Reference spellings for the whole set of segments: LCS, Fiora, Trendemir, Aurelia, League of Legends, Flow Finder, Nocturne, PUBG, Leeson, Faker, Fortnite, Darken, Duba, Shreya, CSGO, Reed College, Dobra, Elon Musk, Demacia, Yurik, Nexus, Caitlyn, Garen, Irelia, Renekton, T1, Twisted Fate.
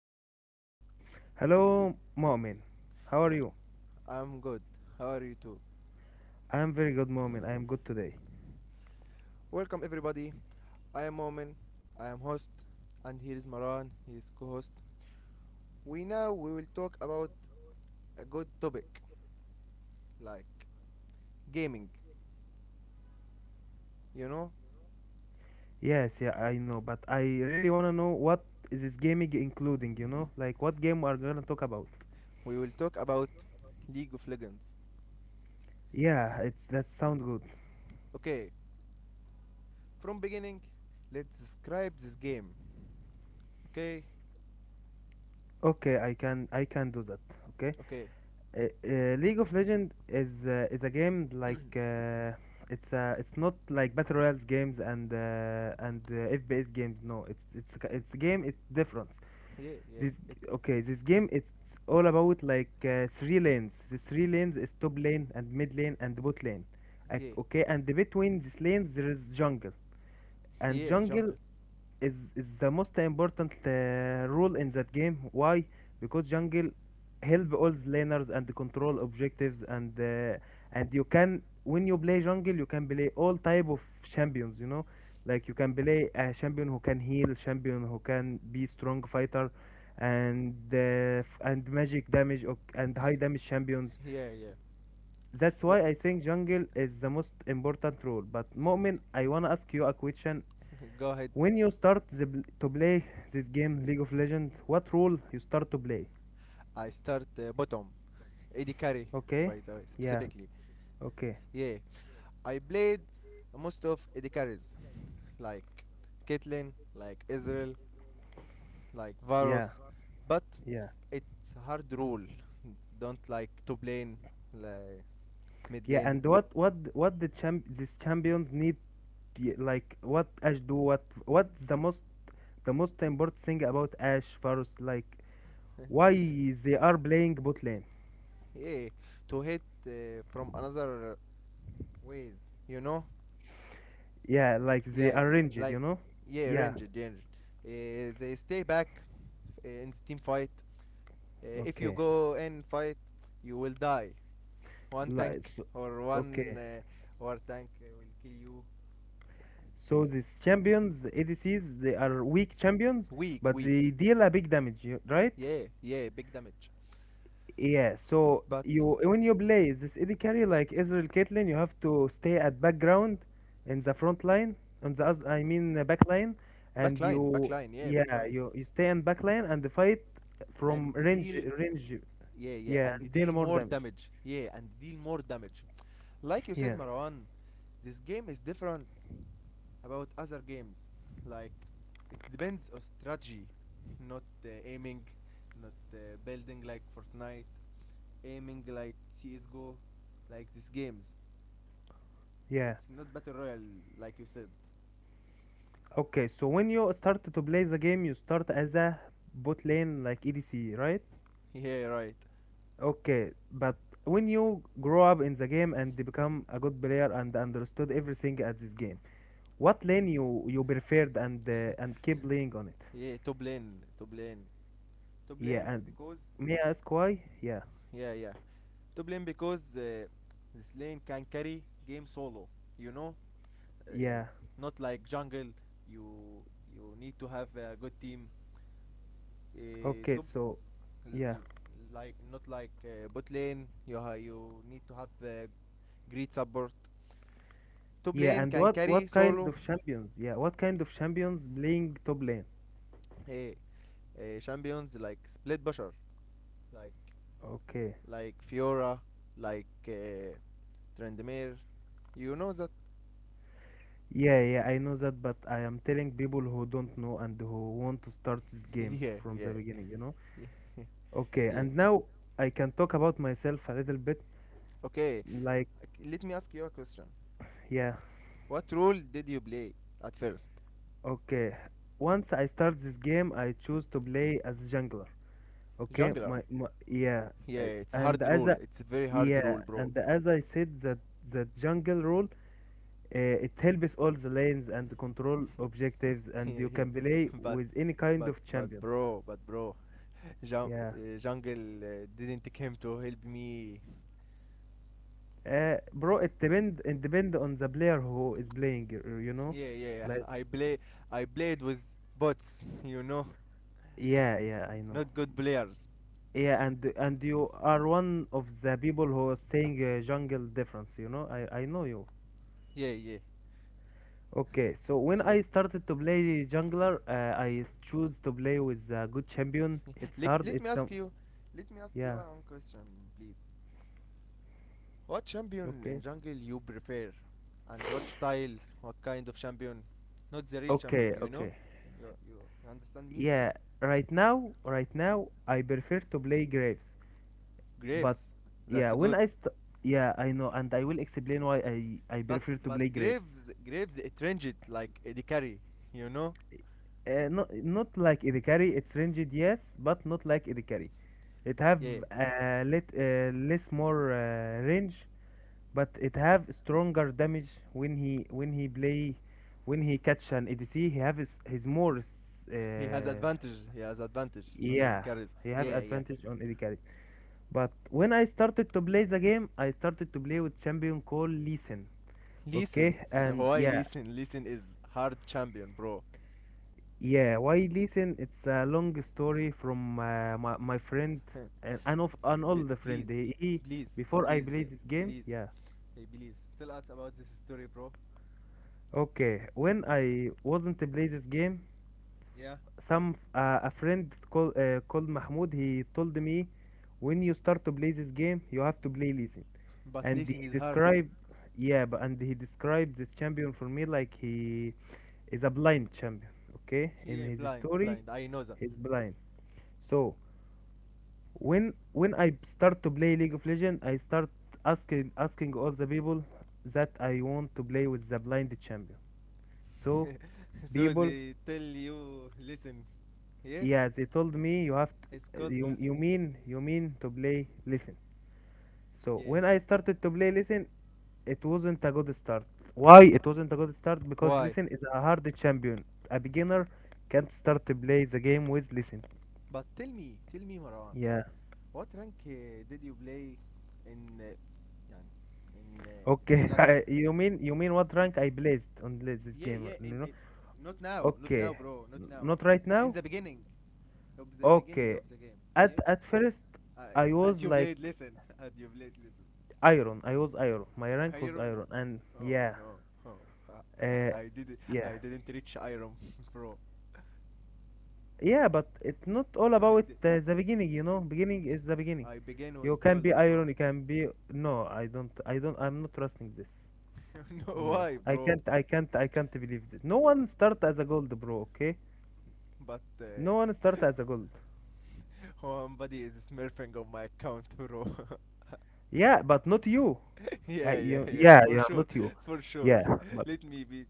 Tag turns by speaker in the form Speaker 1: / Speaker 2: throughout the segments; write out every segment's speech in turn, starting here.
Speaker 1: Hello Marwan.
Speaker 2: Hello, Mu'min.
Speaker 1: Yeah,
Speaker 2: How are you?
Speaker 1: I'm good. How are you too?
Speaker 2: I am very good, Mu'min. I am good today.
Speaker 1: Welcome everybody. I am Momin. I am host, and here is Marwan. He is co-host. We now we will talk about a good topic like gaming. You know,
Speaker 2: Yes, yeah, I know, but I really wanna know what is this gaming including? Like what game we are gonna talk about?
Speaker 1: we will talk about League of Legends.
Speaker 2: Yeah, it's that sound good.
Speaker 1: Okay, from beginning, let's describe this game. Okay?
Speaker 2: Okay, I can do that. Okay.
Speaker 1: Okay.
Speaker 2: League of Legends is a game like it's not like battle royals games and FPS games. No, it's a game. It's different.
Speaker 1: Yeah, yeah.
Speaker 2: This Okay, this
Speaker 1: It's
Speaker 2: game it's all about like three lanes. The three lanes is top lane and mid lane and bot lane.
Speaker 1: Yeah.
Speaker 2: Okay, and between these lanes there is jungle. And
Speaker 1: Yeah,
Speaker 2: jungle
Speaker 1: jungle.
Speaker 2: is the most important rule in that game. Why? Because jungle help all the laners and control objectives and you can when you play jungle you can play all type of champions. You know, like you can play a champion who can heal, champion who can be strong fighter, and magic damage or, and high damage champions.
Speaker 1: Yeah, yeah.
Speaker 2: That's why I think jungle is the most important role. But Mu'min, I wanna ask you a question
Speaker 1: Go ahead.
Speaker 2: when you start to play this game, League of Legends, what role you start to play?
Speaker 1: I start bottom. Eddie Carey,
Speaker 2: Okay,
Speaker 1: by the way,
Speaker 2: yeah,
Speaker 1: specifically.
Speaker 2: okay,
Speaker 1: Yeah, I played most of Eddie Carey's, like Caitlyn, like Israel, like
Speaker 2: yeah,
Speaker 1: Varus, but
Speaker 2: yeah,
Speaker 1: it's hard rule. Don't like to play like mid
Speaker 2: yeah.
Speaker 1: lane.
Speaker 2: And what these champions need? Like what Ash do? What's the most important thing about Ash first? Like why they are playing bot lane?
Speaker 1: Yeah, to hit from another ways, you know.
Speaker 2: Yeah, like they
Speaker 1: Yeah,
Speaker 2: arranged, you
Speaker 1: like
Speaker 2: know?
Speaker 1: yeah,
Speaker 2: Yeah,
Speaker 1: ranged, ranged. They stay back in the team fight. If you
Speaker 2: okay.
Speaker 1: go and fight, you will die. One
Speaker 2: Like
Speaker 1: tank
Speaker 2: so,
Speaker 1: or one
Speaker 2: okay.
Speaker 1: war tank will kill you.
Speaker 2: So these champions, ADCs, they are weak champions,
Speaker 1: Weak,
Speaker 2: but
Speaker 1: weak.
Speaker 2: they deal a big damage, right?
Speaker 1: Yeah, yeah, big damage.
Speaker 2: Yeah, so
Speaker 1: But
Speaker 2: you when you play this AD carry like Israel Caitlyn, you have to stay at background in the front line, on I mean, back line, and
Speaker 1: backline,
Speaker 2: you,
Speaker 1: backline, yeah,
Speaker 2: yeah,
Speaker 1: backline.
Speaker 2: you stay in back line and fight
Speaker 1: And
Speaker 2: from range
Speaker 1: deal,
Speaker 2: range
Speaker 1: yeah, yeah,
Speaker 2: yeah
Speaker 1: and
Speaker 2: and
Speaker 1: deal
Speaker 2: deal more
Speaker 1: more
Speaker 2: damage.
Speaker 1: damage. Yeah, and deal more damage. Like you said,
Speaker 2: Yeah,
Speaker 1: Marwan, this game is different about other games. Like it depends on strategy, not aiming, not building like Fortnite, aiming like CSGO, like these games.
Speaker 2: yeah.
Speaker 1: It's not battle royale like you said.
Speaker 2: Okay, so when you start to play the game, you start as a bot lane like ADC, right?
Speaker 1: Yeah, right.
Speaker 2: Okay, but when you grow up in the game and become a good player and understood everything at this game, what lane you preferred and keep playing on it?
Speaker 1: Yeah, top lane, top lane, top
Speaker 2: Yeah,
Speaker 1: lane
Speaker 2: and
Speaker 1: because,
Speaker 2: may I ask why? Yeah,
Speaker 1: yeah, yeah, top lane because this lane can carry game solo. You know, uh,
Speaker 2: yeah.
Speaker 1: Not like jungle. You you need to have a good team. Uh,
Speaker 2: Okay,
Speaker 1: top
Speaker 2: so
Speaker 1: l-
Speaker 2: yeah,
Speaker 1: l- like, not like bot lane. You need to have great support. Top
Speaker 2: yeah.
Speaker 1: lane
Speaker 2: And
Speaker 1: can
Speaker 2: what
Speaker 1: carry
Speaker 2: what kind
Speaker 1: solo.
Speaker 2: of champions? Yeah, what kind of champions playing top lane?
Speaker 1: uh, Champions like Split Bashar, like
Speaker 2: Okay.
Speaker 1: Fiora, like Trendemir. You know that?
Speaker 2: Yeah, yeah, I know that, but I am telling people who don't know and who want to start this game
Speaker 1: Yeah,
Speaker 2: from the
Speaker 1: yeah,
Speaker 2: beginning, you know?
Speaker 1: yeah,
Speaker 2: Okay,
Speaker 1: yeah.
Speaker 2: and now I can talk about myself a little bit.
Speaker 1: Okay,
Speaker 2: Like,
Speaker 1: let me ask you a question.
Speaker 2: yeah,
Speaker 1: What role did you play at first?
Speaker 2: okay. Once I start this game, I choose to play as jungler. Okay, my,
Speaker 1: Jungler.
Speaker 2: my yeah. uh,
Speaker 1: Yeah, it's
Speaker 2: and
Speaker 1: hard
Speaker 2: as
Speaker 1: role.
Speaker 2: a
Speaker 1: It's very hard
Speaker 2: yeah,
Speaker 1: role, bro.
Speaker 2: and as I said that jungle role, it helps all the lanes and control objectives,
Speaker 1: Yeah,
Speaker 2: and you
Speaker 1: yeah.
Speaker 2: can play
Speaker 1: But
Speaker 2: with any kind
Speaker 1: but
Speaker 2: of
Speaker 1: but
Speaker 2: champions.
Speaker 1: bro, but bro,
Speaker 2: Yeah,
Speaker 1: jungle didn't come to help me.
Speaker 2: bro, it depend on the player who is playing. You know,
Speaker 1: Yeah, yeah, yeah.
Speaker 2: like
Speaker 1: I played with bots,
Speaker 2: yeah, yeah, I know.
Speaker 1: not good players.
Speaker 2: Yeah, and you are one of the people who is saying jungle difference, you know? I know you.
Speaker 1: Yeah, yeah.
Speaker 2: Okay, so when
Speaker 1: Okay.
Speaker 2: I started to play jungler, I choose to play with a good champion. It's
Speaker 1: let,
Speaker 2: hard,
Speaker 1: let me
Speaker 2: it's
Speaker 1: ask
Speaker 2: some
Speaker 1: you let me ask you
Speaker 2: yeah,
Speaker 1: one question, please. What champion in
Speaker 2: okay.
Speaker 1: jungle you prefer? And what style? What kind of champion? Not the real
Speaker 2: Okay,
Speaker 1: champion, you know?
Speaker 2: okay.
Speaker 1: You you, you understand me?
Speaker 2: Yeah, right now I prefer to play Graves. But
Speaker 1: Graves.
Speaker 2: yeah,
Speaker 1: That's
Speaker 2: when
Speaker 1: good.
Speaker 2: I st yeah, I know, and I will explain why I
Speaker 1: But
Speaker 2: prefer to
Speaker 1: but
Speaker 2: play Graves.
Speaker 1: Graves it ranged like AD carry, you know?
Speaker 2: Not like Idikari, it's ranged, yes, but not like Idikari. It have
Speaker 1: Yeah.
Speaker 2: less more range, but it have stronger damage when he play when he catch an ADC. He have his more
Speaker 1: He has advantage. He has advantage on AD
Speaker 2: yeah.
Speaker 1: carries.
Speaker 2: He have
Speaker 1: Yeah, yeah.
Speaker 2: advantage on AD carry. But when I started to play the game, I started to play with champion called Leeson.
Speaker 1: Listen,
Speaker 2: Okay, and
Speaker 1: why
Speaker 2: yeah,
Speaker 1: listen? Listen is hard champion, bro.
Speaker 2: yeah. Why Leeson? It's a long story from my friend and an old
Speaker 1: Please,
Speaker 2: friend.
Speaker 1: please,
Speaker 2: Before I
Speaker 1: please,
Speaker 2: play this game,
Speaker 1: please,
Speaker 2: yeah.
Speaker 1: hey, please, tell us about this story, bro.
Speaker 2: Okay, when I wasn't to play this game,
Speaker 1: Yeah.
Speaker 2: some a friend called Mahmoud. He told me, when you start to play this game, you have to play Leeson.
Speaker 1: But
Speaker 2: And
Speaker 1: listen
Speaker 2: he
Speaker 1: is hard.
Speaker 2: described, yeah, but and he described this champion for me like he is a blind champion. Okay, in
Speaker 1: Yeah,
Speaker 2: his
Speaker 1: blind,
Speaker 2: story,
Speaker 1: blind. I know that.
Speaker 2: he's blind. So when I start to play League of Legends, I start asking all the people that I want to play with the blind champion. So
Speaker 1: So
Speaker 2: people
Speaker 1: they tell you listen. Yeah,
Speaker 2: yeah, they told me you have
Speaker 1: it's
Speaker 2: to,
Speaker 1: called
Speaker 2: you,
Speaker 1: listen.
Speaker 2: you mean to play listen. So
Speaker 1: Yeah.
Speaker 2: when I started to play listen, it wasn't a good start. Why it wasn't a good start? Because
Speaker 1: Why?
Speaker 2: listen is a hard champion. A beginner can't start to play the game with listen.
Speaker 1: But tell me, Marwan,
Speaker 2: Yeah.
Speaker 1: what rank did you play in
Speaker 2: Okay.
Speaker 1: last.
Speaker 2: You mean what rank I blazed on this
Speaker 1: Yeah,
Speaker 2: game?
Speaker 1: yeah, in,
Speaker 2: You know.
Speaker 1: in not now, not now,
Speaker 2: Okay.
Speaker 1: bro, not now.
Speaker 2: Not right
Speaker 1: In
Speaker 2: now.
Speaker 1: the beginning of the beginning of
Speaker 2: Okay.
Speaker 1: the game, yeah.
Speaker 2: At first,
Speaker 1: I,
Speaker 2: I
Speaker 1: at
Speaker 2: was
Speaker 1: your blade,
Speaker 2: like
Speaker 1: listen. At your blade, listen.
Speaker 2: iron. I was iron. My rank was
Speaker 1: Iron.
Speaker 2: iron, and
Speaker 1: Oh
Speaker 2: yeah,
Speaker 1: no. Oh,
Speaker 2: Uh,
Speaker 1: I didn't.
Speaker 2: yeah,
Speaker 1: I didn't reach iron, bro.
Speaker 2: yeah, but it's not all
Speaker 1: I
Speaker 2: about
Speaker 1: did.
Speaker 2: the beginning. Beginning is the beginning.
Speaker 1: I began
Speaker 2: You
Speaker 1: with
Speaker 2: can be
Speaker 1: gold, bro.
Speaker 2: iron, you can be no. I don't, I'm not trusting this.
Speaker 1: No,
Speaker 2: No,
Speaker 1: why,
Speaker 2: I
Speaker 1: bro.
Speaker 2: can't, I can't, I can't believe this. No one start as a gold, bro. Okay,
Speaker 1: But
Speaker 2: no one start as a gold.
Speaker 1: somebody is smurfing on my account, bro.
Speaker 2: Yeah, but not you.
Speaker 1: Yeah, yeah, yeah.
Speaker 2: Yeah,
Speaker 1: For
Speaker 2: yeah,
Speaker 1: sure,
Speaker 2: not you.
Speaker 1: for sure.
Speaker 2: Yeah, but
Speaker 1: Let me be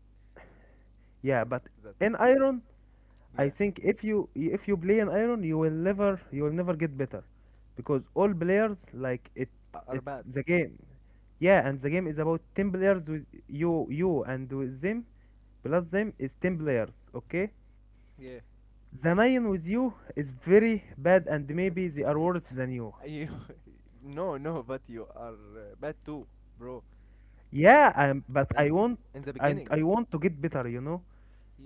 Speaker 2: yeah,
Speaker 1: sure
Speaker 2: but
Speaker 1: that.
Speaker 2: in iron. I
Speaker 1: Yeah.
Speaker 2: think if you play in iron, you will never get better, because all players like it. It's
Speaker 1: أربات.
Speaker 2: the game, yeah, and the game is about 10 players with you and with them plus them is 10 players. Okay,
Speaker 1: Yeah,
Speaker 2: the nine with you is very bad, and maybe they are worse than you.
Speaker 1: you no, no, but you are bad too, bro.
Speaker 2: Yeah, but I
Speaker 1: And
Speaker 2: want
Speaker 1: in the
Speaker 2: and
Speaker 1: beginning,
Speaker 2: I want to get better.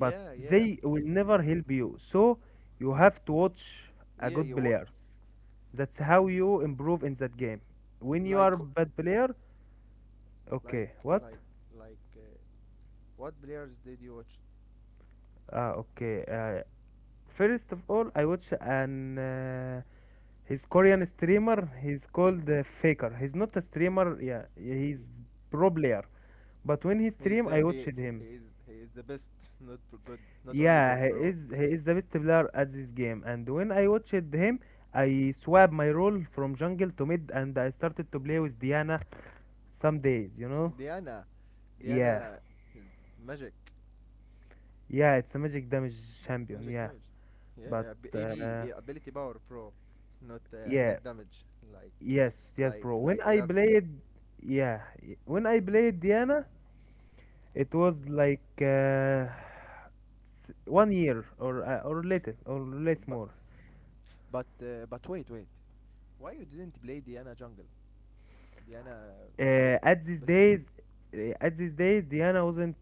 Speaker 2: But
Speaker 1: yeah,
Speaker 2: they will never help you, so you have to watch a
Speaker 1: yeah,
Speaker 2: good
Speaker 1: you wa-
Speaker 2: players. That's how you improve in that game. When you
Speaker 1: like
Speaker 2: are bad player,
Speaker 1: like
Speaker 2: okay, what?
Speaker 1: like like what players did you watch?
Speaker 2: Ah, okay. First of all, I watch an his Korean streamer. He's called Faker. He's not a streamer. Yeah,
Speaker 1: He,
Speaker 2: he's pro player. But when he
Speaker 1: he is
Speaker 2: stream, I
Speaker 1: the he
Speaker 2: watched him.
Speaker 1: he is he is the best, not for good, not only
Speaker 2: Yeah,
Speaker 1: good,
Speaker 2: he
Speaker 1: bro.
Speaker 2: is he is the best player at this game. And when I watched him, I swap my role from jungle to mid, and I started to play with Diana some days. You know.
Speaker 1: Diana
Speaker 2: Yeah,
Speaker 1: Diana is magic
Speaker 2: yeah, it's a magic damage champion.
Speaker 1: magic
Speaker 2: Yeah,
Speaker 1: damage.
Speaker 2: but
Speaker 1: Yeah, ability power, bro, not
Speaker 2: yeah,
Speaker 1: attack damage like
Speaker 2: yes, yes, bro. When I
Speaker 1: grabs.
Speaker 2: played, yeah, y- when I played Diana, it was like one year or little or less
Speaker 1: But
Speaker 2: more.
Speaker 1: but wait, wait, why you didn't play Diana jungle? Diana be-
Speaker 2: At these
Speaker 1: better jungle.
Speaker 2: days, Diana wasn't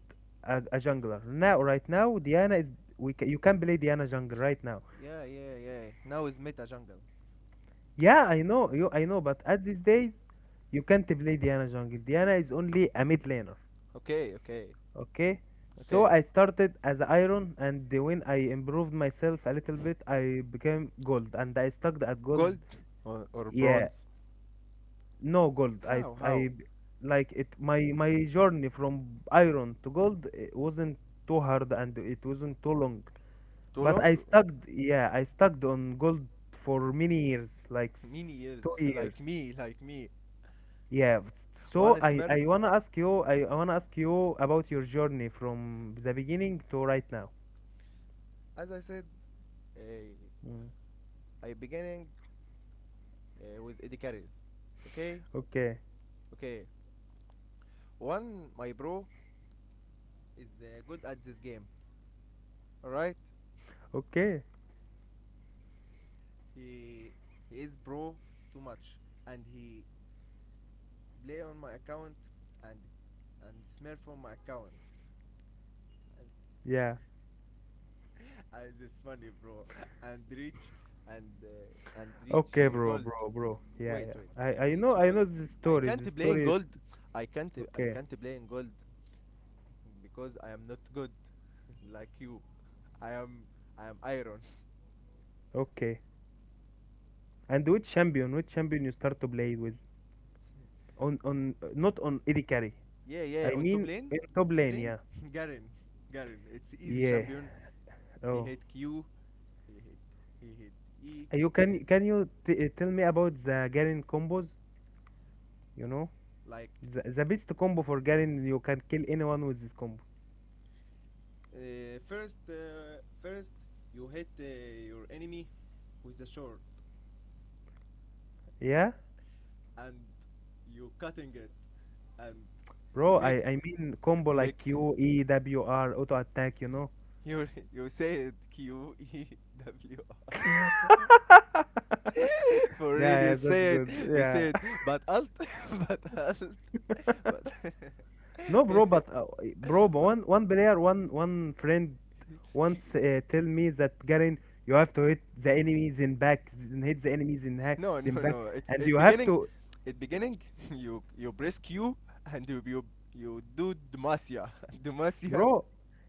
Speaker 2: a jungler. Now, right now, Diana is we ca- you can play Diana jungle right now.
Speaker 1: Yeah, yeah, yeah. Now is meta jungle.
Speaker 2: Yeah, I know you, I know, but at these days, you can't play Diana jungle. Diana is only a mid laner.
Speaker 1: Okay, okay,
Speaker 2: Okay, so
Speaker 1: okay.
Speaker 2: I started as iron, and when I improved myself a little bit, I became gold, and I stuck at gold.
Speaker 1: Gold, or
Speaker 2: Yeah,
Speaker 1: bronze?
Speaker 2: no gold. I s-
Speaker 1: How
Speaker 2: I
Speaker 1: how?
Speaker 2: b- Like it. My journey from iron to gold it wasn't too hard, and it wasn't too long.
Speaker 1: Too
Speaker 2: But I
Speaker 1: long?
Speaker 2: stuck. Yeah, I stuck on gold for many years, like
Speaker 1: Many years.
Speaker 2: two
Speaker 1: like
Speaker 2: years.
Speaker 1: me like me.
Speaker 2: Yeah,
Speaker 1: One
Speaker 2: so I,
Speaker 1: Smurf.
Speaker 2: I wanna ask you about your journey from the beginning to right now.
Speaker 1: As I said, uh,
Speaker 2: Mm.
Speaker 1: I beginning with Eddie Carroll. Okay,
Speaker 2: Okay.
Speaker 1: okay. One my bro is good at this game. All right.
Speaker 2: Okay.
Speaker 1: He, he is bro too much, and he play on my account, and and smear from my account, and,
Speaker 2: Yeah.
Speaker 1: and it's funny, bro. And reach and uh, and reach
Speaker 2: Okay,
Speaker 1: uh,
Speaker 2: bro,
Speaker 1: gold.
Speaker 2: bro, bro. Yeah,
Speaker 1: Wait,
Speaker 2: yeah.
Speaker 1: wait, and
Speaker 2: I, I know,
Speaker 1: reach
Speaker 2: I
Speaker 1: gold.
Speaker 2: know the
Speaker 1: I
Speaker 2: story. The
Speaker 1: can't play in
Speaker 2: story.
Speaker 1: gold. I can't I
Speaker 2: Okay.
Speaker 1: can't play in gold because I am not good like you. I am I am iron.
Speaker 2: Okay. And which champion? Which champion you start to play with? Not on AD carry.
Speaker 1: Yeah, yeah.
Speaker 2: I
Speaker 1: On top
Speaker 2: mean
Speaker 1: lane,
Speaker 2: in
Speaker 1: on
Speaker 2: top
Speaker 1: top
Speaker 2: lane.
Speaker 1: lane,
Speaker 2: Yeah.
Speaker 1: Garen, Garen. It's easy
Speaker 2: Yeah.
Speaker 1: champion. He
Speaker 2: Oh.
Speaker 1: hit Q, he hit, he hit E, he hit
Speaker 2: Can you tell me about the Garen combos? You know,
Speaker 1: like
Speaker 2: the best combo for Garen. You can kill anyone with this combo.
Speaker 1: first, first you hit your enemy with a sword,
Speaker 2: Yeah,
Speaker 1: and you cutting it, and
Speaker 2: bro. I,
Speaker 1: make,
Speaker 2: I mean combo like
Speaker 1: make.
Speaker 2: Q, E, W, R, auto attack. You know.
Speaker 1: You you say it Q E W R. For
Speaker 2: Yeah,
Speaker 1: real,
Speaker 2: yeah, that's good.
Speaker 1: you
Speaker 2: Yeah.
Speaker 1: said, but alt, but alt, but,
Speaker 2: No, bro, but
Speaker 1: but,
Speaker 2: one player, one friend once tell me that Garen, you have to hit the enemies in back, and hit the enemies in hack,
Speaker 1: no,
Speaker 2: in
Speaker 1: no,
Speaker 2: back,
Speaker 1: no. It
Speaker 2: and
Speaker 1: it
Speaker 2: you have
Speaker 1: beginning,
Speaker 2: to,
Speaker 1: it beginning. You press Q and you do Demacia, Demacia,
Speaker 2: bro.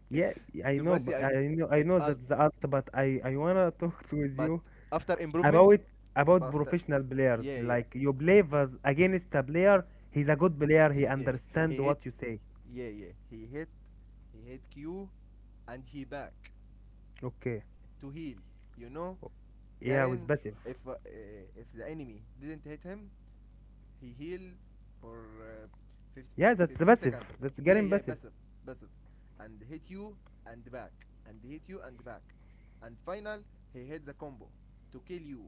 Speaker 2: Yeah, I know,
Speaker 1: Demacia
Speaker 2: but
Speaker 1: at
Speaker 2: I know, I
Speaker 1: at
Speaker 2: know
Speaker 1: alt.
Speaker 2: that's the art, but I wanna talk to with
Speaker 1: But
Speaker 2: you
Speaker 1: after improvement,
Speaker 2: about
Speaker 1: but after
Speaker 2: professional players.
Speaker 1: yeah, yeah,
Speaker 2: Like you play with against a player, he's a good player, he
Speaker 1: yeah, he
Speaker 2: understand
Speaker 1: hit,
Speaker 2: what you say.
Speaker 1: yeah, yeah, he hit Q, and he back
Speaker 2: Okay.
Speaker 1: to heal. You know
Speaker 2: Yeah, with
Speaker 1: Garen,
Speaker 2: passive.
Speaker 1: if uh, if the enemy didn't hit him, he heal for
Speaker 2: Yeah, that's the
Speaker 1: 15
Speaker 2: passive.
Speaker 1: seconds.
Speaker 2: That's
Speaker 1: Yeah,
Speaker 2: Garen
Speaker 1: yeah,
Speaker 2: passive.
Speaker 1: passive, passive, and hit you and back, and hit you and back, and final he hit the combo to kill you.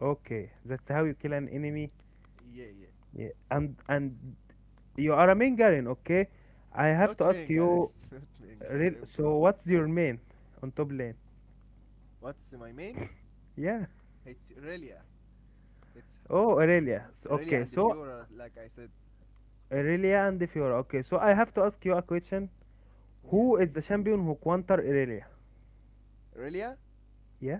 Speaker 2: Okay, that's how you kill an enemy.
Speaker 1: Yeah, yeah.
Speaker 2: Yeah. And you are a main Garen, okay? I have
Speaker 1: Not
Speaker 2: to ask
Speaker 1: main Garen,
Speaker 2: you,
Speaker 1: not main
Speaker 2: real.
Speaker 1: Garen, bro.
Speaker 2: So what's your main on top lane?
Speaker 1: What's my main?
Speaker 2: Yeah.
Speaker 1: It's Aurelia. It's,
Speaker 2: Oh,
Speaker 1: it's
Speaker 2: Aurelia.
Speaker 1: Aurelia
Speaker 2: Okay,
Speaker 1: and the
Speaker 2: so
Speaker 1: Fiora, like I said.
Speaker 2: Aurelia and Fiora. Okay, so I have to ask you a question.
Speaker 1: Yeah,
Speaker 2: Who is the champion who counter Aurelia?
Speaker 1: Aurelia,
Speaker 2: Yeah.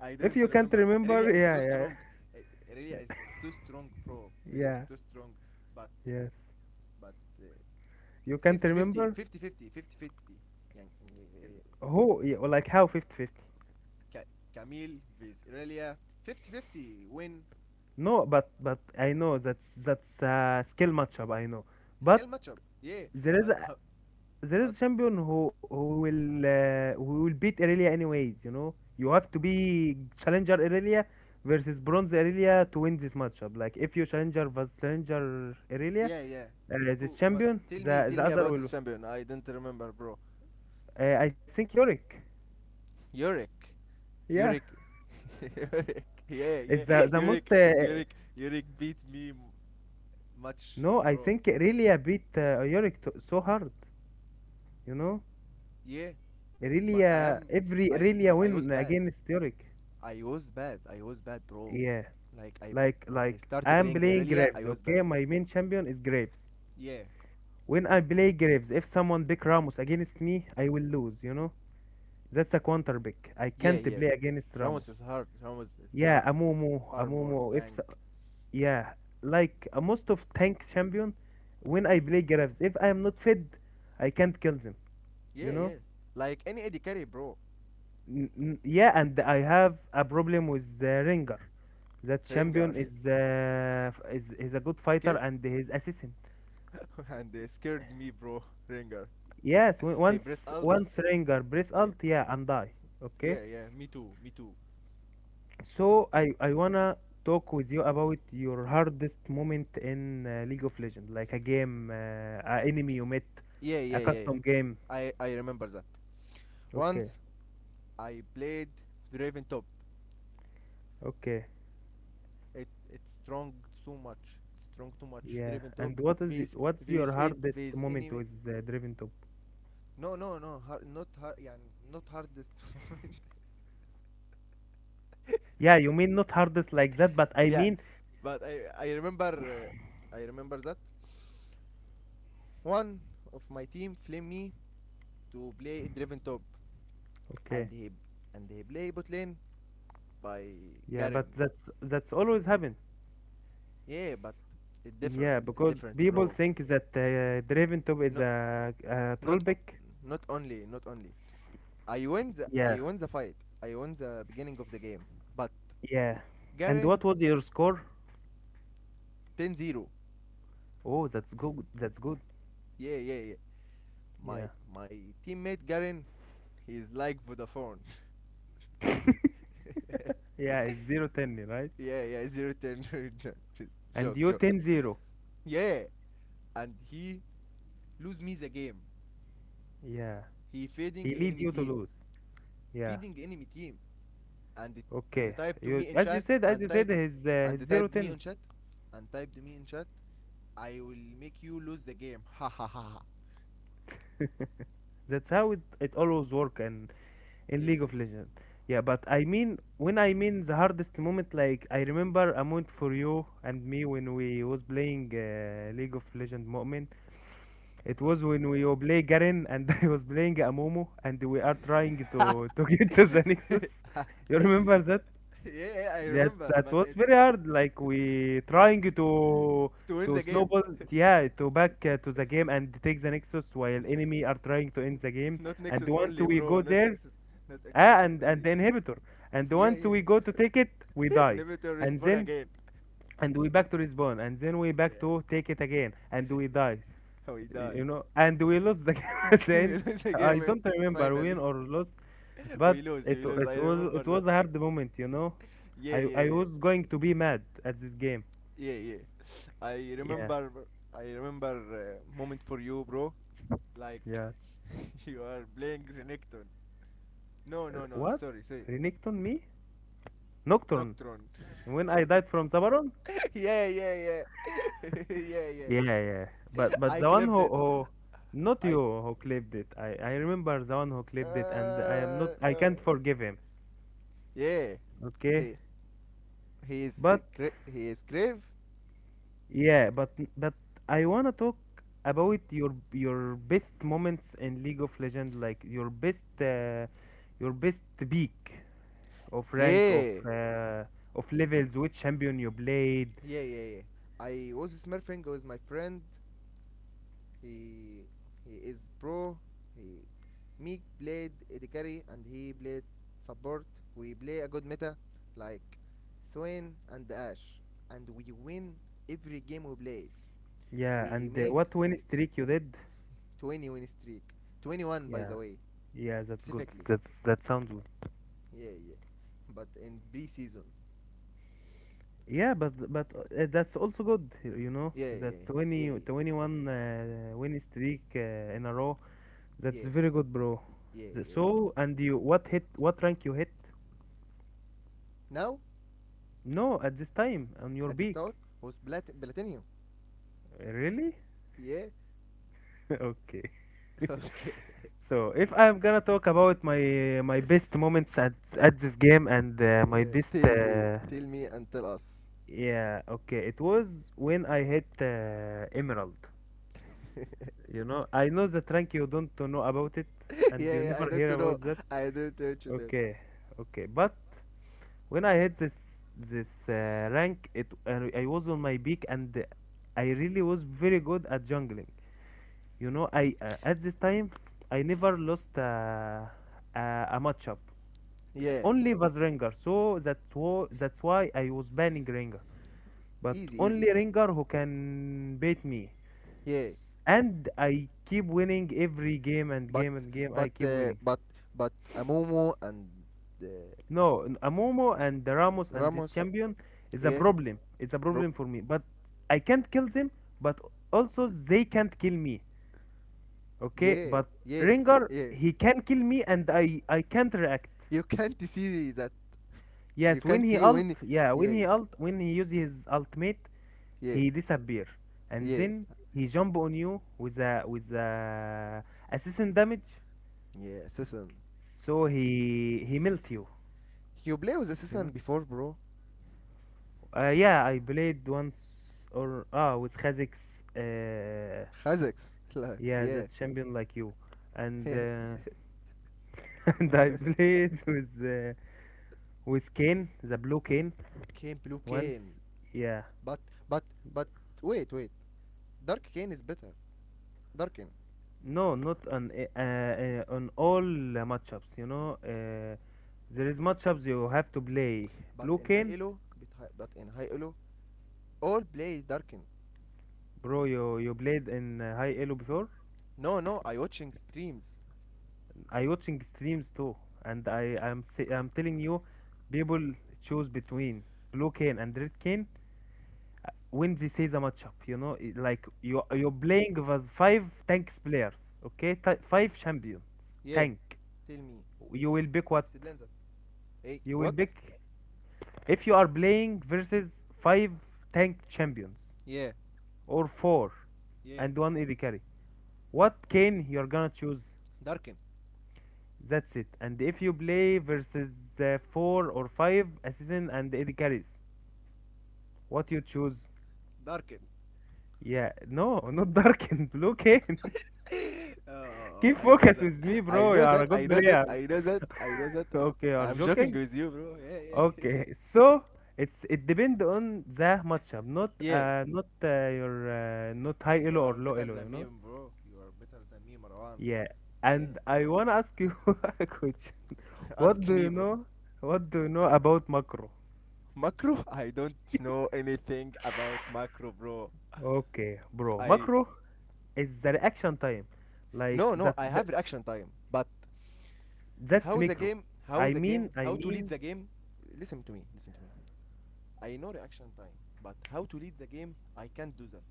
Speaker 1: I
Speaker 2: If
Speaker 1: didn't
Speaker 2: you can't
Speaker 1: remember. Aurelia
Speaker 2: remember,
Speaker 1: is
Speaker 2: yeah,
Speaker 1: so
Speaker 2: yeah,
Speaker 1: strong. Uh, Aurelia is too strong, bro. Aurelia is
Speaker 2: yeah,
Speaker 1: too strong. But
Speaker 2: yes.
Speaker 1: but uh,
Speaker 2: You can't
Speaker 1: 50-50
Speaker 2: remember
Speaker 1: 50-50 fifty 50. Yan- eh,
Speaker 2: who? Yeah, or like how 50 fifty?
Speaker 1: Camille vs Aurelia, 50 50 win
Speaker 2: No, but I know that's a skill matchup. I know,
Speaker 1: skill
Speaker 2: but
Speaker 1: matchup. Yeah,
Speaker 2: there is
Speaker 1: but how, but
Speaker 2: champion who will beat Irelia anyways. You know, you have to be challenger Irelia versus bronze Irelia to win this matchup. Like if you challenger versus challenger Irelia,
Speaker 1: yeah, yeah.
Speaker 2: this
Speaker 1: Who, what?
Speaker 2: champion,
Speaker 1: Tell me,
Speaker 2: the
Speaker 1: tell
Speaker 2: the
Speaker 1: me
Speaker 2: other
Speaker 1: about
Speaker 2: will.
Speaker 1: this champion. I didn't remember, bro.
Speaker 2: I think Yorick.
Speaker 1: Yurik,
Speaker 2: Yeah,
Speaker 1: Yurik, Yurik. Yeah,
Speaker 2: it's
Speaker 1: yeah.
Speaker 2: the the most.
Speaker 1: Yurik, Yurik, Yurik beat me much,
Speaker 2: No, I
Speaker 1: bro.
Speaker 2: think Irelia beat Yorick to, so hard. You know,
Speaker 1: Yeah, but I
Speaker 2: Irelia
Speaker 1: am,
Speaker 2: every
Speaker 1: I
Speaker 2: Irelia
Speaker 1: I was
Speaker 2: win
Speaker 1: bad.
Speaker 2: against Yorick.
Speaker 1: I was bad. I was bad, bro.
Speaker 2: Yeah,
Speaker 1: Like I
Speaker 2: like
Speaker 1: I
Speaker 2: like I
Speaker 1: started
Speaker 2: am
Speaker 1: playing
Speaker 2: playing
Speaker 1: guerrilla. I
Speaker 2: Graves.
Speaker 1: was
Speaker 2: Okay,
Speaker 1: bad.
Speaker 2: my main champion is Graves.
Speaker 1: Yeah,
Speaker 2: When I play Graves, if someone pick Ramos against me, I will lose, you know? That's a counter pick. I
Speaker 1: yeah,
Speaker 2: can't
Speaker 1: yeah.
Speaker 2: play against
Speaker 1: Ramos
Speaker 2: Ramos.
Speaker 1: is hard. Ramos is
Speaker 2: Yeah,
Speaker 1: hard.
Speaker 2: Amumu,
Speaker 1: Armor
Speaker 2: Amumu, if
Speaker 1: tank.
Speaker 2: so, yeah, like most of tank champion, when I play Graves, if I am not fed, I can't kill them,
Speaker 1: Yeah,
Speaker 2: you know?
Speaker 1: yeah. Like any Eddie Carry, bro.
Speaker 2: Yeah, and I have a problem with the Ringer. That champion
Speaker 1: Rengar.
Speaker 2: is
Speaker 1: S-
Speaker 2: a good fighter
Speaker 1: Scared
Speaker 2: and his assistant.
Speaker 1: and they scared me, bro. Rengar.
Speaker 2: Yes, w-
Speaker 1: Hey, press
Speaker 2: once
Speaker 1: alt.
Speaker 2: once Ringer press
Speaker 1: Yeah,
Speaker 2: alt, yeah, and die.
Speaker 1: yeah,
Speaker 2: Okay.
Speaker 1: yeah. Me too. Me too.
Speaker 2: So I wanna talk with you about your hardest moment in League of Legends, like a game, a enemy you met,
Speaker 1: Yeah,
Speaker 2: a
Speaker 1: yeah, yeah.
Speaker 2: custom game.
Speaker 1: I remember that.
Speaker 2: Okay,
Speaker 1: Once I played Draven top.
Speaker 2: okay,
Speaker 1: It's strong, too much strong, too much
Speaker 2: yeah.
Speaker 1: driven top
Speaker 2: And
Speaker 1: with
Speaker 2: what's
Speaker 1: with
Speaker 2: your
Speaker 1: in
Speaker 2: hardest
Speaker 1: with
Speaker 2: moment
Speaker 1: enemy.
Speaker 2: with Draven Top?
Speaker 1: No, no, no, hard, not hard, يعني not hardest moment.
Speaker 2: Yeah, you mean not hardest like that, but I
Speaker 1: Yeah,
Speaker 2: mean,
Speaker 1: but I remember that one of my team flame me to play driven top,
Speaker 2: okay,
Speaker 1: and he and he play bot lane by
Speaker 2: yeah, but
Speaker 1: Garen.
Speaker 2: that's always happen.
Speaker 1: Yeah, but it different,
Speaker 2: Yeah, because people
Speaker 1: bro.
Speaker 2: think that Draven Top is
Speaker 1: not
Speaker 2: a troll
Speaker 1: not o-
Speaker 2: pick.
Speaker 1: Not only, I win the,
Speaker 2: Yeah,
Speaker 1: fight. I win the beginning of the game. But
Speaker 2: yeah. And what
Speaker 1: Garen
Speaker 2: was your score?
Speaker 1: 10-0.
Speaker 2: Oh, that's good. That's good.
Speaker 1: Yeah, yeah, yeah.
Speaker 2: Yeah.
Speaker 1: My my teammate Garen, he's like Vodafone.
Speaker 2: Yeah, it's 0-10 10, right?
Speaker 1: Yeah, yeah, 0-10
Speaker 2: And
Speaker 1: joke,
Speaker 2: you
Speaker 1: joke.
Speaker 2: 10-0.
Speaker 1: Yeah, and he lose me the game.
Speaker 2: Yeah.
Speaker 1: He
Speaker 2: He lead you to lose. Yeah.
Speaker 1: feeding enemy team, and it, and
Speaker 2: Okay.
Speaker 1: they type to
Speaker 2: You
Speaker 1: me in
Speaker 2: as you
Speaker 1: chat
Speaker 2: said, as
Speaker 1: and
Speaker 2: you said,
Speaker 1: type
Speaker 2: his
Speaker 1: and they
Speaker 2: zero
Speaker 1: typed me
Speaker 2: ten.
Speaker 1: in chat, and typed me in chat. I will make you lose the game. Ha ha ha ha.
Speaker 2: That's how it always work and in
Speaker 1: Yeah,
Speaker 2: League of
Speaker 1: yeah.
Speaker 2: Legends. Yeah, but I mean when the hardest moment, like I remember a moment for you and me when we was playing League of Legends moment. It
Speaker 1: Uh,
Speaker 2: was when we were play Garen and I was playing Amumu and we are trying to get to the Nexus. You remember that?
Speaker 1: yeah, I
Speaker 2: That
Speaker 1: remember,
Speaker 2: that
Speaker 1: but
Speaker 2: was
Speaker 1: it,
Speaker 2: very hard. Like we trying to
Speaker 1: to win
Speaker 2: to
Speaker 1: the game.
Speaker 2: snowball, yeah, to back to the game and take the Nexus while enemy are trying to end the game.
Speaker 1: Not
Speaker 2: And
Speaker 1: Nexus
Speaker 2: once
Speaker 1: only,
Speaker 2: we
Speaker 1: bro.
Speaker 2: go
Speaker 1: Not
Speaker 2: there,
Speaker 1: Nexus, not X, Nexus
Speaker 2: and
Speaker 1: only.
Speaker 2: the inhibitor. And once
Speaker 1: Yeah,
Speaker 2: we go to take it, we
Speaker 1: yeah.
Speaker 2: die.
Speaker 1: Inhibitor is
Speaker 2: And
Speaker 1: born
Speaker 2: then
Speaker 1: again.
Speaker 2: and we back to respawn. And then we back
Speaker 1: Yeah.
Speaker 2: to take it again, and we die.
Speaker 1: How he died.
Speaker 2: You know, and we lost the game at the
Speaker 1: We
Speaker 2: end.
Speaker 1: lose the
Speaker 2: I
Speaker 1: game, and
Speaker 2: don't remember win
Speaker 1: finally.
Speaker 2: or lost,
Speaker 1: We
Speaker 2: but
Speaker 1: lose,
Speaker 2: it
Speaker 1: we lose.
Speaker 2: it
Speaker 1: I
Speaker 2: was
Speaker 1: remember
Speaker 2: it
Speaker 1: that.
Speaker 2: was a hard moment, you know.
Speaker 1: Yeah,
Speaker 2: I
Speaker 1: yeah,
Speaker 2: I
Speaker 1: yeah,
Speaker 2: was going to be mad at this game.
Speaker 1: yeah, yeah. I
Speaker 2: Yeah,
Speaker 1: remember, moment for you, bro. Like
Speaker 2: yeah.
Speaker 1: you are playing Renekton. No, no, no.
Speaker 2: What?
Speaker 1: Sorry, sorry.
Speaker 2: Renekton me? Nocturne.
Speaker 1: Nocturne.
Speaker 2: When I died from Sabaron?
Speaker 1: Yeah, yeah, yeah. Yeah, yeah.
Speaker 2: Yeah, yeah. But
Speaker 1: I
Speaker 2: the one
Speaker 1: clipped
Speaker 2: who,
Speaker 1: it.
Speaker 2: who not you
Speaker 1: I.
Speaker 2: who clipped it. I remember the one who clipped it,
Speaker 1: Uh,
Speaker 2: and I am not. I
Speaker 1: uh.
Speaker 2: can't forgive him.
Speaker 1: Yeah.
Speaker 2: Okay.
Speaker 1: He he is uh,
Speaker 2: But,
Speaker 1: gra- he is grave.
Speaker 2: yeah, but I wanna talk about your best moments in League of Legends, like your best peak of rank
Speaker 1: Yeah.
Speaker 2: of levels, which champion you played,
Speaker 1: Yeah, yeah, yeah. I was smurfing with my friend. He he is pro. He Meek played AD carry, and he played support. We play a good meta like Swain and Ash, and we win every game we played.
Speaker 2: yeah,
Speaker 1: We
Speaker 2: and
Speaker 1: make
Speaker 2: what win
Speaker 1: we
Speaker 2: streak you did.
Speaker 1: 20 win streak, 21 by
Speaker 2: Yeah,
Speaker 1: the way,
Speaker 2: yeah, that's good.
Speaker 1: specifically.
Speaker 2: That sounds good.
Speaker 1: Yeah, yeah. But in pre-season,
Speaker 2: Yeah, but that's also good, you know,
Speaker 1: yeah,
Speaker 2: that
Speaker 1: yeah,
Speaker 2: twenty
Speaker 1: yeah,
Speaker 2: twenty one 21 win streak in a row. That's
Speaker 1: yeah,
Speaker 2: very good, bro.
Speaker 1: yeah, yeah, bro.
Speaker 2: So, and you, what rank you hit?
Speaker 1: Now,
Speaker 2: No, at this time on your
Speaker 1: at this
Speaker 2: beak.
Speaker 1: note was platinum.
Speaker 2: Really?
Speaker 1: Yeah.
Speaker 2: Okay.
Speaker 1: Okay.
Speaker 2: So if I'm gonna talk about my best moments at this game and my
Speaker 1: Yeah,
Speaker 2: best
Speaker 1: tell me and tell us.
Speaker 2: yeah, okay, it was when I hit Emerald. You know, I know the rank you don't know about it, and you
Speaker 1: Yeah, yeah, I
Speaker 2: never
Speaker 1: don't
Speaker 2: hear
Speaker 1: know.
Speaker 2: about that.
Speaker 1: I don't know to that.
Speaker 2: Okay, okay. But when I hit this this rank, I was on my peak and I really was very good at jungling. You know, I at this time I never lost a matchup.
Speaker 1: Yeah,
Speaker 2: Only was Ringer, so that's why I was banning Ringer. But
Speaker 1: easy, easy.
Speaker 2: only Ringer who can beat me,
Speaker 1: Yeah,
Speaker 2: and I keep winning every game and
Speaker 1: but
Speaker 2: game and game. I
Speaker 1: but
Speaker 2: keep
Speaker 1: uh,
Speaker 2: winning.
Speaker 1: but but Amumu and uh,
Speaker 2: No, Amomo and the Ramos and this
Speaker 1: Ramos.
Speaker 2: champion is a
Speaker 1: Yeah,
Speaker 2: problem. It's a
Speaker 1: bro.
Speaker 2: problem for me. But I can't kill them. But also they can't kill me. Okay,
Speaker 1: Yeah,
Speaker 2: but
Speaker 1: yeah,
Speaker 2: Rengar,
Speaker 1: yeah.
Speaker 2: he can kill me and I can't react.
Speaker 1: You can't see that. You
Speaker 2: Yes,
Speaker 1: can't see when. Yeah,
Speaker 2: when he uses his ultimate,
Speaker 1: yeah,
Speaker 2: he disappear, and
Speaker 1: yeah,
Speaker 2: then he jump on you with a assassin damage,
Speaker 1: yeah. Season.
Speaker 2: so he melt you,
Speaker 1: You play with the
Speaker 2: you
Speaker 1: season
Speaker 2: know.
Speaker 1: before, bro.
Speaker 2: Yeah, I played once or with Kha'Zix,
Speaker 1: Khazaks. Like,
Speaker 2: yeah,
Speaker 1: yeah,
Speaker 2: that champion like you, and
Speaker 1: yeah.
Speaker 2: and I played with with Kane, the blue Kane.
Speaker 1: Came blue
Speaker 2: Once,
Speaker 1: cane.
Speaker 2: yeah,
Speaker 1: But but but wait, wait. Dark Kane is better. Darken.
Speaker 2: no, not on on all matchups. You know, there is matchups you have to play.
Speaker 1: But
Speaker 2: Blue
Speaker 1: in High
Speaker 2: Cane,
Speaker 1: Elo, but in High Elo, all play Darken.
Speaker 2: bro, you played in high elo before.
Speaker 1: No, I watching streams.
Speaker 2: I watching streams too, and I'm telling you, people choose between Blue Cane and Red Cane when they say the matchup. You know, like you're playing with five tanks players, okay, five champions
Speaker 1: Yeah.
Speaker 2: tank.
Speaker 1: Tell me.
Speaker 2: You will pick what?
Speaker 1: Explain that. Hey,
Speaker 2: You will
Speaker 1: what?
Speaker 2: pick. If you are playing versus five tank champions
Speaker 1: Yeah.
Speaker 2: or four
Speaker 1: Yeah,
Speaker 2: and one AD carry, what cane you're gonna choose?
Speaker 1: Darken.
Speaker 2: That's it. And if you play versus four or five assassin and AD carries, what you choose?
Speaker 1: Darken.
Speaker 2: Yeah, no, not Darken, Blue Cane.
Speaker 1: oh, oh, oh,
Speaker 2: Keep
Speaker 1: I know
Speaker 2: focus
Speaker 1: that.
Speaker 2: with me,
Speaker 1: I
Speaker 2: bro. You
Speaker 1: know
Speaker 2: are
Speaker 1: that.
Speaker 2: a good
Speaker 1: I know that.
Speaker 2: player.
Speaker 1: I know that. I know that. I-
Speaker 2: Okay, you are
Speaker 1: I'm joking
Speaker 2: joking?
Speaker 1: with you, bro. Yeah, yeah.
Speaker 2: Okay, so it depends on the matchup,
Speaker 1: Yeah.
Speaker 2: not high
Speaker 1: You
Speaker 2: elo or
Speaker 1: are
Speaker 2: low
Speaker 1: better
Speaker 2: elo,
Speaker 1: than
Speaker 2: you
Speaker 1: me,
Speaker 2: know.
Speaker 1: bro. You are better than me, Marwan.
Speaker 2: Yeah,
Speaker 1: Yeah.
Speaker 2: and I wanna ask you a question. What
Speaker 1: Ask
Speaker 2: do
Speaker 1: me,
Speaker 2: you
Speaker 1: bro.
Speaker 2: know? What do you know about macro?
Speaker 1: Macro? I don't know anything about macro, bro.
Speaker 2: Okay, bro.
Speaker 1: I
Speaker 2: Macro is the reaction time. Like
Speaker 1: no no.
Speaker 2: that,
Speaker 1: I
Speaker 2: that
Speaker 1: have reaction time, but
Speaker 2: that's
Speaker 1: how the
Speaker 2: micro.
Speaker 1: game? How
Speaker 2: I
Speaker 1: the game?
Speaker 2: mean, I
Speaker 1: How to lead
Speaker 2: mean,
Speaker 1: the game? Listen to me. Listen to me. I know reaction time, but how to lead the game? I can't do that.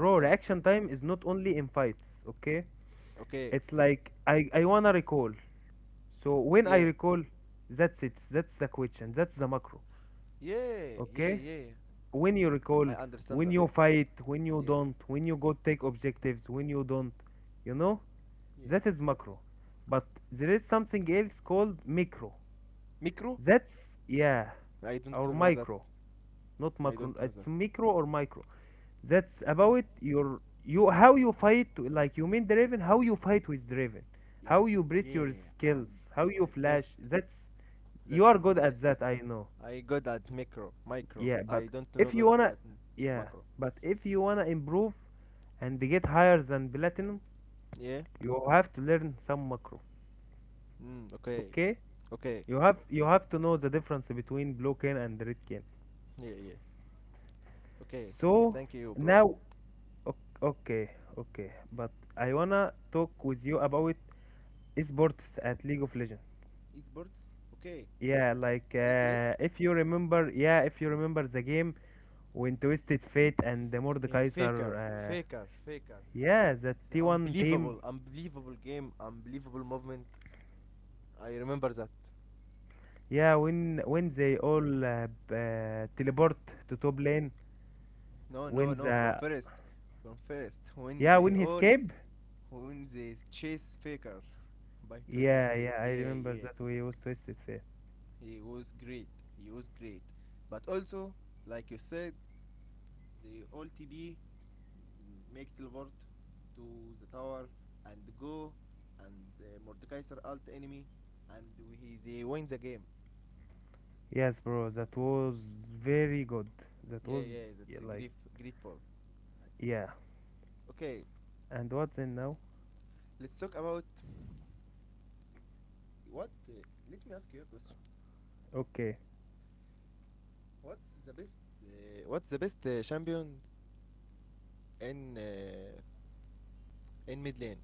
Speaker 1: I can't.
Speaker 2: reaction time is not only in fights, okay?
Speaker 1: Okay.
Speaker 2: It's like I wanna recall. So when I
Speaker 1: Yeah.
Speaker 2: recall, that's it. That's the question. That's the macro.
Speaker 1: Yeah. Yeah.
Speaker 2: Okay?
Speaker 1: Yeah.
Speaker 2: When you recall,
Speaker 1: I understand
Speaker 2: when
Speaker 1: that.
Speaker 2: you fight, when you
Speaker 1: Yeah.
Speaker 2: don't, when you go take objectives, when you don't, you know,
Speaker 1: Yeah.
Speaker 2: that is macro. But there is something else called micro.
Speaker 1: Micro?
Speaker 2: That's, yeah,
Speaker 1: I don't
Speaker 2: or
Speaker 1: know that.
Speaker 2: micro, not
Speaker 1: I
Speaker 2: macro.
Speaker 1: don't know
Speaker 2: It's
Speaker 1: that.
Speaker 2: micro or micro. That's about how you fight, like you mean Draven, how you fight with Draven, how
Speaker 1: Yeah.
Speaker 2: you brace your
Speaker 1: Yeah. I'm
Speaker 2: skills, how you
Speaker 1: my
Speaker 2: flash.
Speaker 1: best.
Speaker 2: That's, you
Speaker 1: That's
Speaker 2: are
Speaker 1: my
Speaker 2: good at
Speaker 1: best.
Speaker 2: that, I know.
Speaker 1: I good at micro, micro.
Speaker 2: Yeah,
Speaker 1: I don't know
Speaker 2: if you
Speaker 1: good
Speaker 2: wanna,
Speaker 1: at
Speaker 2: yeah,
Speaker 1: macro.
Speaker 2: but if you wanna improve and get higher than platinum,
Speaker 1: Yeah.
Speaker 2: you have to learn some macro.
Speaker 1: Mm, okay.
Speaker 2: Okay?
Speaker 1: Okay.
Speaker 2: You have to know the difference between blue cane and red cane.
Speaker 1: Yeah. Yeah. Okay.
Speaker 2: So
Speaker 1: Thank you, bro.
Speaker 2: now, o- okay, okay, but I wanna talk with you about esports at League of Legends.
Speaker 1: Esports? Okay.
Speaker 2: Yeah, like
Speaker 1: LCS?
Speaker 2: if you remember the game when Twisted Fate and the
Speaker 1: Yeah,
Speaker 2: Mordekaiser,
Speaker 1: faker.
Speaker 2: yeah, the
Speaker 1: It's
Speaker 2: T1 team.
Speaker 1: unbelievable game, unbelievable movement. I remember that.
Speaker 2: Yeah, when they all teleport to top lane,
Speaker 1: No, no,
Speaker 2: when
Speaker 1: no. From
Speaker 2: the
Speaker 1: first. From first. When
Speaker 2: yeah
Speaker 1: they
Speaker 2: when he
Speaker 1: all.
Speaker 2: escape,
Speaker 1: When they chase Faker by Twisted
Speaker 2: yeah,
Speaker 1: Fate.
Speaker 2: yeah, I
Speaker 1: Yeah,
Speaker 2: remember
Speaker 1: yeah.
Speaker 2: that we was twisted fair.
Speaker 1: He was great. He was great. But also, like you said, the OLTB make teleport to the tower and go and Mordekaiser alt enemy and they win the game.
Speaker 2: Yes, bro, that was very good. That
Speaker 1: Yeah,
Speaker 2: was,
Speaker 1: yeah, that's
Speaker 2: yeah,
Speaker 1: a
Speaker 2: like,
Speaker 1: grief, grateful.
Speaker 2: yeah.
Speaker 1: Okay,
Speaker 2: And what's in now?
Speaker 1: let's talk about what. Let me ask you a question.
Speaker 2: Okay,
Speaker 1: What's the best? What's the best champion in uh, in mid lane?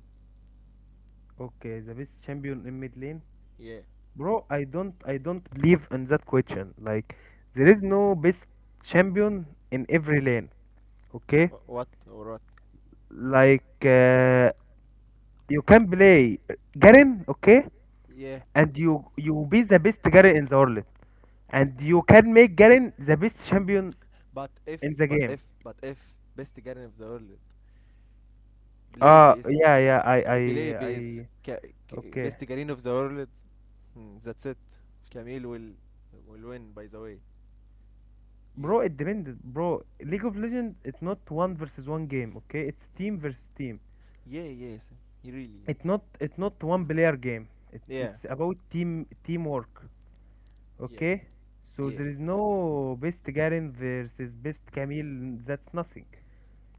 Speaker 2: okay, the best champion in mid lane,
Speaker 1: Yeah.
Speaker 2: bro. I don't believe in that question. Like there is no best champion in every lane. Okay,
Speaker 1: What or what?
Speaker 2: like you can play Garen, okay,
Speaker 1: Yeah.
Speaker 2: and you be the best Garen in the world, and you can make Garen the best champion
Speaker 1: But if,
Speaker 2: in the
Speaker 1: but
Speaker 2: game.
Speaker 1: if, but if best guardian of the world believe is
Speaker 2: Yeah, yeah,
Speaker 1: believe is
Speaker 2: I,
Speaker 1: Ca- Ca-
Speaker 2: okay.
Speaker 1: best guardian of the world, hmm, that's it. Camille will win by the way.
Speaker 2: Bro,
Speaker 1: You,
Speaker 2: it depends, bro. League of Legends, it's not one versus one game, okay? It's team versus team.
Speaker 1: yeah, yes, you really,
Speaker 2: It's not one player game. It,
Speaker 1: yeah,
Speaker 2: it's about team, teamwork,
Speaker 1: yeah,
Speaker 2: okay? So
Speaker 1: yeah,
Speaker 2: there is no best Garen versus best Camille. That's nothing.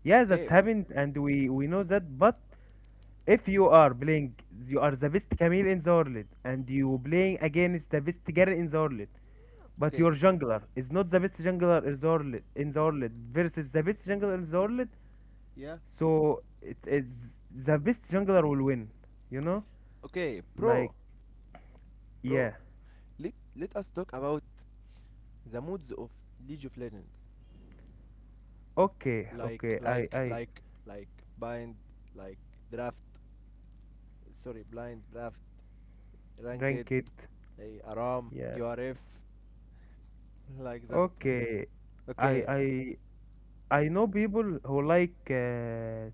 Speaker 2: Yeah, that's
Speaker 1: okay, okay,
Speaker 2: happened, and we know that, but if you are playing, you are the best Camille in the world, and you playing against the best Garen in the world, but
Speaker 1: okay,
Speaker 2: your jungler is not the best jungler in the world, versus the best jungler in the world,
Speaker 1: yeah,
Speaker 2: so it's the best jungler will win. You know,
Speaker 1: okay,
Speaker 2: like,
Speaker 1: bro,
Speaker 2: yeah,
Speaker 1: bro, let us talk about the moods of League of Legends,
Speaker 2: okay,
Speaker 1: like
Speaker 2: okay, I
Speaker 1: like
Speaker 2: I
Speaker 1: like like bind, like draft, sorry blind draft, Ranked,
Speaker 2: rank it.
Speaker 1: a Aram,
Speaker 2: Yes,
Speaker 1: URF, like that.
Speaker 2: okay, I
Speaker 1: Okay,
Speaker 2: I I know people who like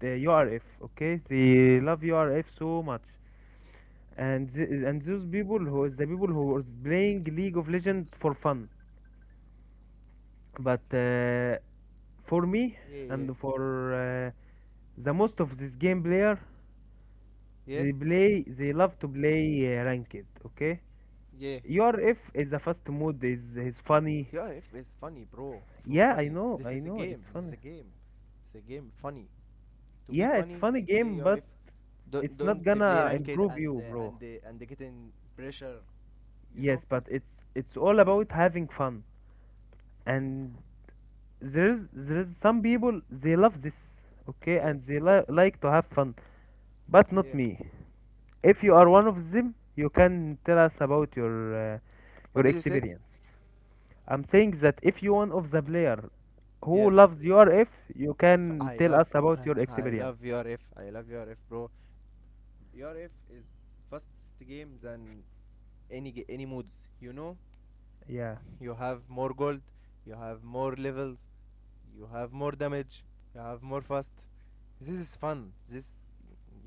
Speaker 2: the URF. Okay, they love URF so much. And those people who is the people who was playing League of Legends for fun. But for me
Speaker 1: yeah, yeah.
Speaker 2: and for the most of this game player,
Speaker 1: Yeah?
Speaker 2: they love to play ranked. Okay,
Speaker 1: Yeah.
Speaker 2: URF is a fast mode. Is funny.
Speaker 1: URF is funny, bro. Fro-
Speaker 2: Yeah,
Speaker 1: funny. This
Speaker 2: I
Speaker 1: is a
Speaker 2: know, it's
Speaker 1: game. This is
Speaker 2: funny.
Speaker 1: a game. It's a game. Funny. To be
Speaker 2: Yeah, it's
Speaker 1: funny,
Speaker 2: funny
Speaker 1: you play
Speaker 2: game,
Speaker 1: URF.
Speaker 2: but
Speaker 1: Don't
Speaker 2: it's not
Speaker 1: don't play
Speaker 2: gonna
Speaker 1: ranked
Speaker 2: improve
Speaker 1: and
Speaker 2: you, bro.
Speaker 1: getting pressure. You know.
Speaker 2: Yes, but it's all about having fun. And there's some people they love this, okay,
Speaker 1: Yeah.
Speaker 2: and they like to have fun, but not
Speaker 1: Yeah.
Speaker 2: me. If you are one of them, you can tell us about
Speaker 1: What
Speaker 2: your
Speaker 1: did you say?
Speaker 2: experience. I'm saying that if you one of the player who
Speaker 1: Yeah,
Speaker 2: loves your F, you can
Speaker 1: I
Speaker 2: tell
Speaker 1: love,
Speaker 2: us about your
Speaker 1: I love
Speaker 2: experience.
Speaker 1: URF. I love URF, bro. URF is fastest game than any any moods, you know,
Speaker 2: Yeah,
Speaker 1: you have more gold, you have more levels, you have more damage, you have more fast, this is fun, this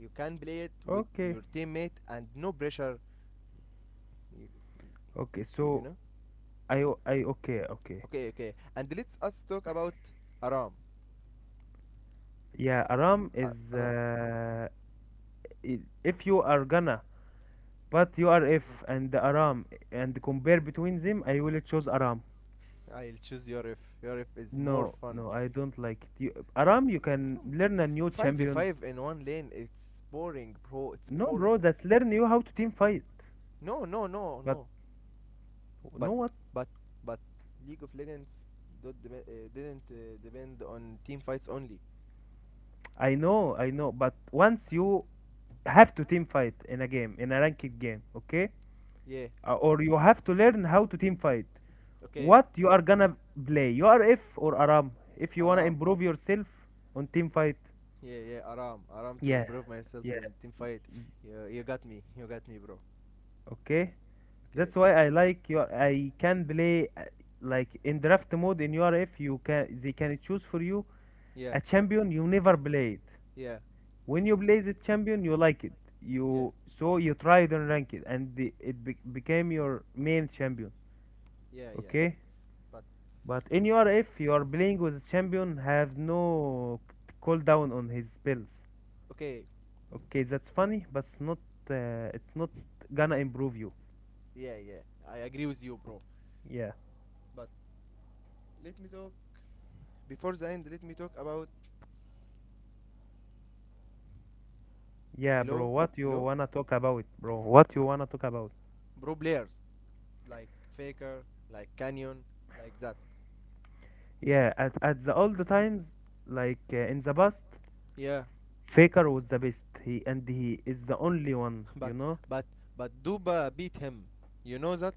Speaker 1: you can play it with
Speaker 2: okay,
Speaker 1: your teammate and no pressure. you,
Speaker 2: okay, so
Speaker 1: you know.
Speaker 2: I o- I okay okay
Speaker 1: Okay, okay, and let's us talk about aram.
Speaker 2: yeah, Aram is
Speaker 1: Aram.
Speaker 2: if you are gonna but URF and Aram and compare between them I will choose Aram.
Speaker 1: I'll choose yorif. Yorif is more
Speaker 2: No,
Speaker 1: fun.
Speaker 2: no, I don't like it. You, Aram, you can learn a new champions.
Speaker 1: 5v5 in one lane, it's boring bro, it's
Speaker 2: No, bro,
Speaker 1: boring.
Speaker 2: that's learn you how to team fight.
Speaker 1: no no no
Speaker 2: But
Speaker 1: no
Speaker 2: you
Speaker 1: But
Speaker 2: know what?
Speaker 1: but but League of Legends don't deme- didn't depend on team fights only.
Speaker 2: I know, I know. But once you have to team fight in a game, in a ranked game, okay?
Speaker 1: Yeah.
Speaker 2: Or you have to learn how to team fight.
Speaker 1: Okay.
Speaker 2: What you are gonna play? You are F or Aram. If you wanna
Speaker 1: Aram.
Speaker 2: improve yourself on team fight,
Speaker 1: Yeah, yeah. Aram. Aram to
Speaker 2: yeah,
Speaker 1: improve myself
Speaker 2: yeah,
Speaker 1: and team fight. You got me. You got me, bro.
Speaker 2: okay.
Speaker 1: Okay.
Speaker 2: That's why I like your I can play like in draft mode in your F. You can they can choose for you
Speaker 1: Yeah.
Speaker 2: a champion you never played.
Speaker 1: Yeah.
Speaker 2: When you play the champion you like it.
Speaker 1: Yeah.
Speaker 2: You so you tried and rank it, and the, it be, became your main champion.
Speaker 1: Yeah. Yeah.
Speaker 2: Okay?
Speaker 1: But
Speaker 2: But in your F, you are playing with a champion have no cooldown on his spells.
Speaker 1: okay.
Speaker 2: Okay, that's funny, but it's not gonna improve you.
Speaker 1: Yeah. Yeah. I agree with you, bro.
Speaker 2: Yeah.
Speaker 1: But let me talk before the end. Let me talk about
Speaker 2: Yeah, bro,
Speaker 1: hello,
Speaker 2: what you
Speaker 1: hello,
Speaker 2: wanna talk about, bro? What you wanna talk about?
Speaker 1: bro players like Faker, like Canyon, like that.
Speaker 2: Yeah, at the old times, like in the past,
Speaker 1: Yeah,
Speaker 2: Faker was the best. He and he is the only one, you
Speaker 1: but
Speaker 2: know.
Speaker 1: but but Duba beat him. You know that?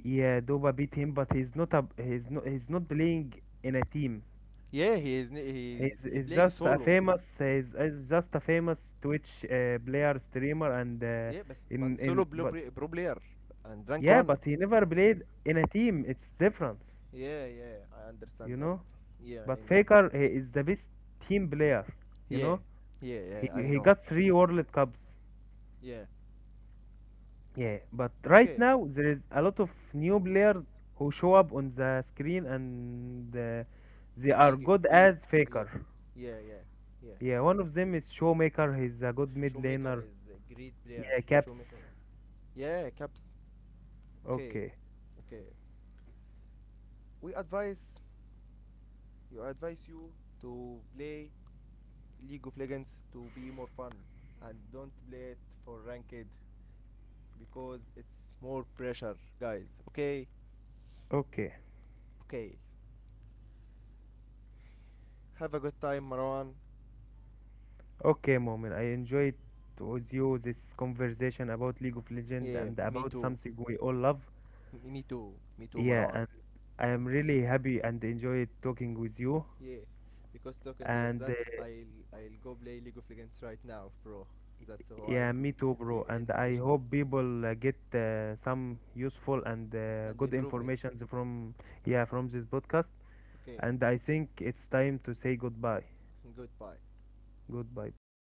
Speaker 2: Yeah, Doba beat him, but he's not playing in a team.
Speaker 1: Yeah, he is,
Speaker 2: He's,
Speaker 1: he
Speaker 2: he's
Speaker 1: playing
Speaker 2: just a
Speaker 1: solo.
Speaker 2: famous he's, he's just a famous Twitch player streamer and
Speaker 1: Yeah, but solo
Speaker 2: in
Speaker 1: pro,
Speaker 2: but
Speaker 1: pro player and rank
Speaker 2: yeah,
Speaker 1: one.
Speaker 2: but he never played in a team. It's different,
Speaker 1: Yeah, yeah, I understand
Speaker 2: you
Speaker 1: that.
Speaker 2: know.
Speaker 1: Yeah, I
Speaker 2: But
Speaker 1: know.
Speaker 2: Faker he is the best team player, you
Speaker 1: Yeah,
Speaker 2: know.
Speaker 1: yeah,
Speaker 2: He
Speaker 1: yeah, I
Speaker 2: he
Speaker 1: know.
Speaker 2: got three World Cups.
Speaker 1: Yeah.
Speaker 2: Yeah, but right
Speaker 1: Okay.
Speaker 2: now there is a lot of new players who show up on the screen and they are
Speaker 1: Big
Speaker 2: good
Speaker 1: big.
Speaker 2: as
Speaker 1: Yeah,
Speaker 2: Faker.
Speaker 1: yeah, yeah, yeah.
Speaker 2: Yeah, one of them is Showmaker. He's a good mid
Speaker 1: Showmaker
Speaker 2: laner.
Speaker 1: is a great player.
Speaker 2: Yeah, Caps.
Speaker 1: Showmaker. Yeah, caps. Okay,
Speaker 2: Okay,
Speaker 1: okay. We advise You advise you to play League of Legends to be more fun and don't play it for ranked because it's more pressure, guys. Okay,
Speaker 2: okay,
Speaker 1: okay. Have a good time, Marwan.
Speaker 2: okay, Moment. I enjoyed with you this conversation about League of Legends
Speaker 1: Yeah,
Speaker 2: and
Speaker 1: me
Speaker 2: about
Speaker 1: too.
Speaker 2: something we all love.
Speaker 1: Me too. Me too, Marwan.
Speaker 2: Yeah, I am really happy and enjoy talking with you.
Speaker 1: Yeah, because talking of that,
Speaker 2: And
Speaker 1: I'll go play League of Legends right now, bro. That's why
Speaker 2: yeah,
Speaker 1: we
Speaker 2: me too, bro.
Speaker 1: end
Speaker 2: And I
Speaker 1: session
Speaker 2: hope people get some useful and
Speaker 1: and
Speaker 2: good
Speaker 1: improvement.
Speaker 2: informations from this podcast.
Speaker 1: Okay,
Speaker 2: And I think it's time to say goodbye.
Speaker 1: goodbye.
Speaker 2: Goodbye, bro.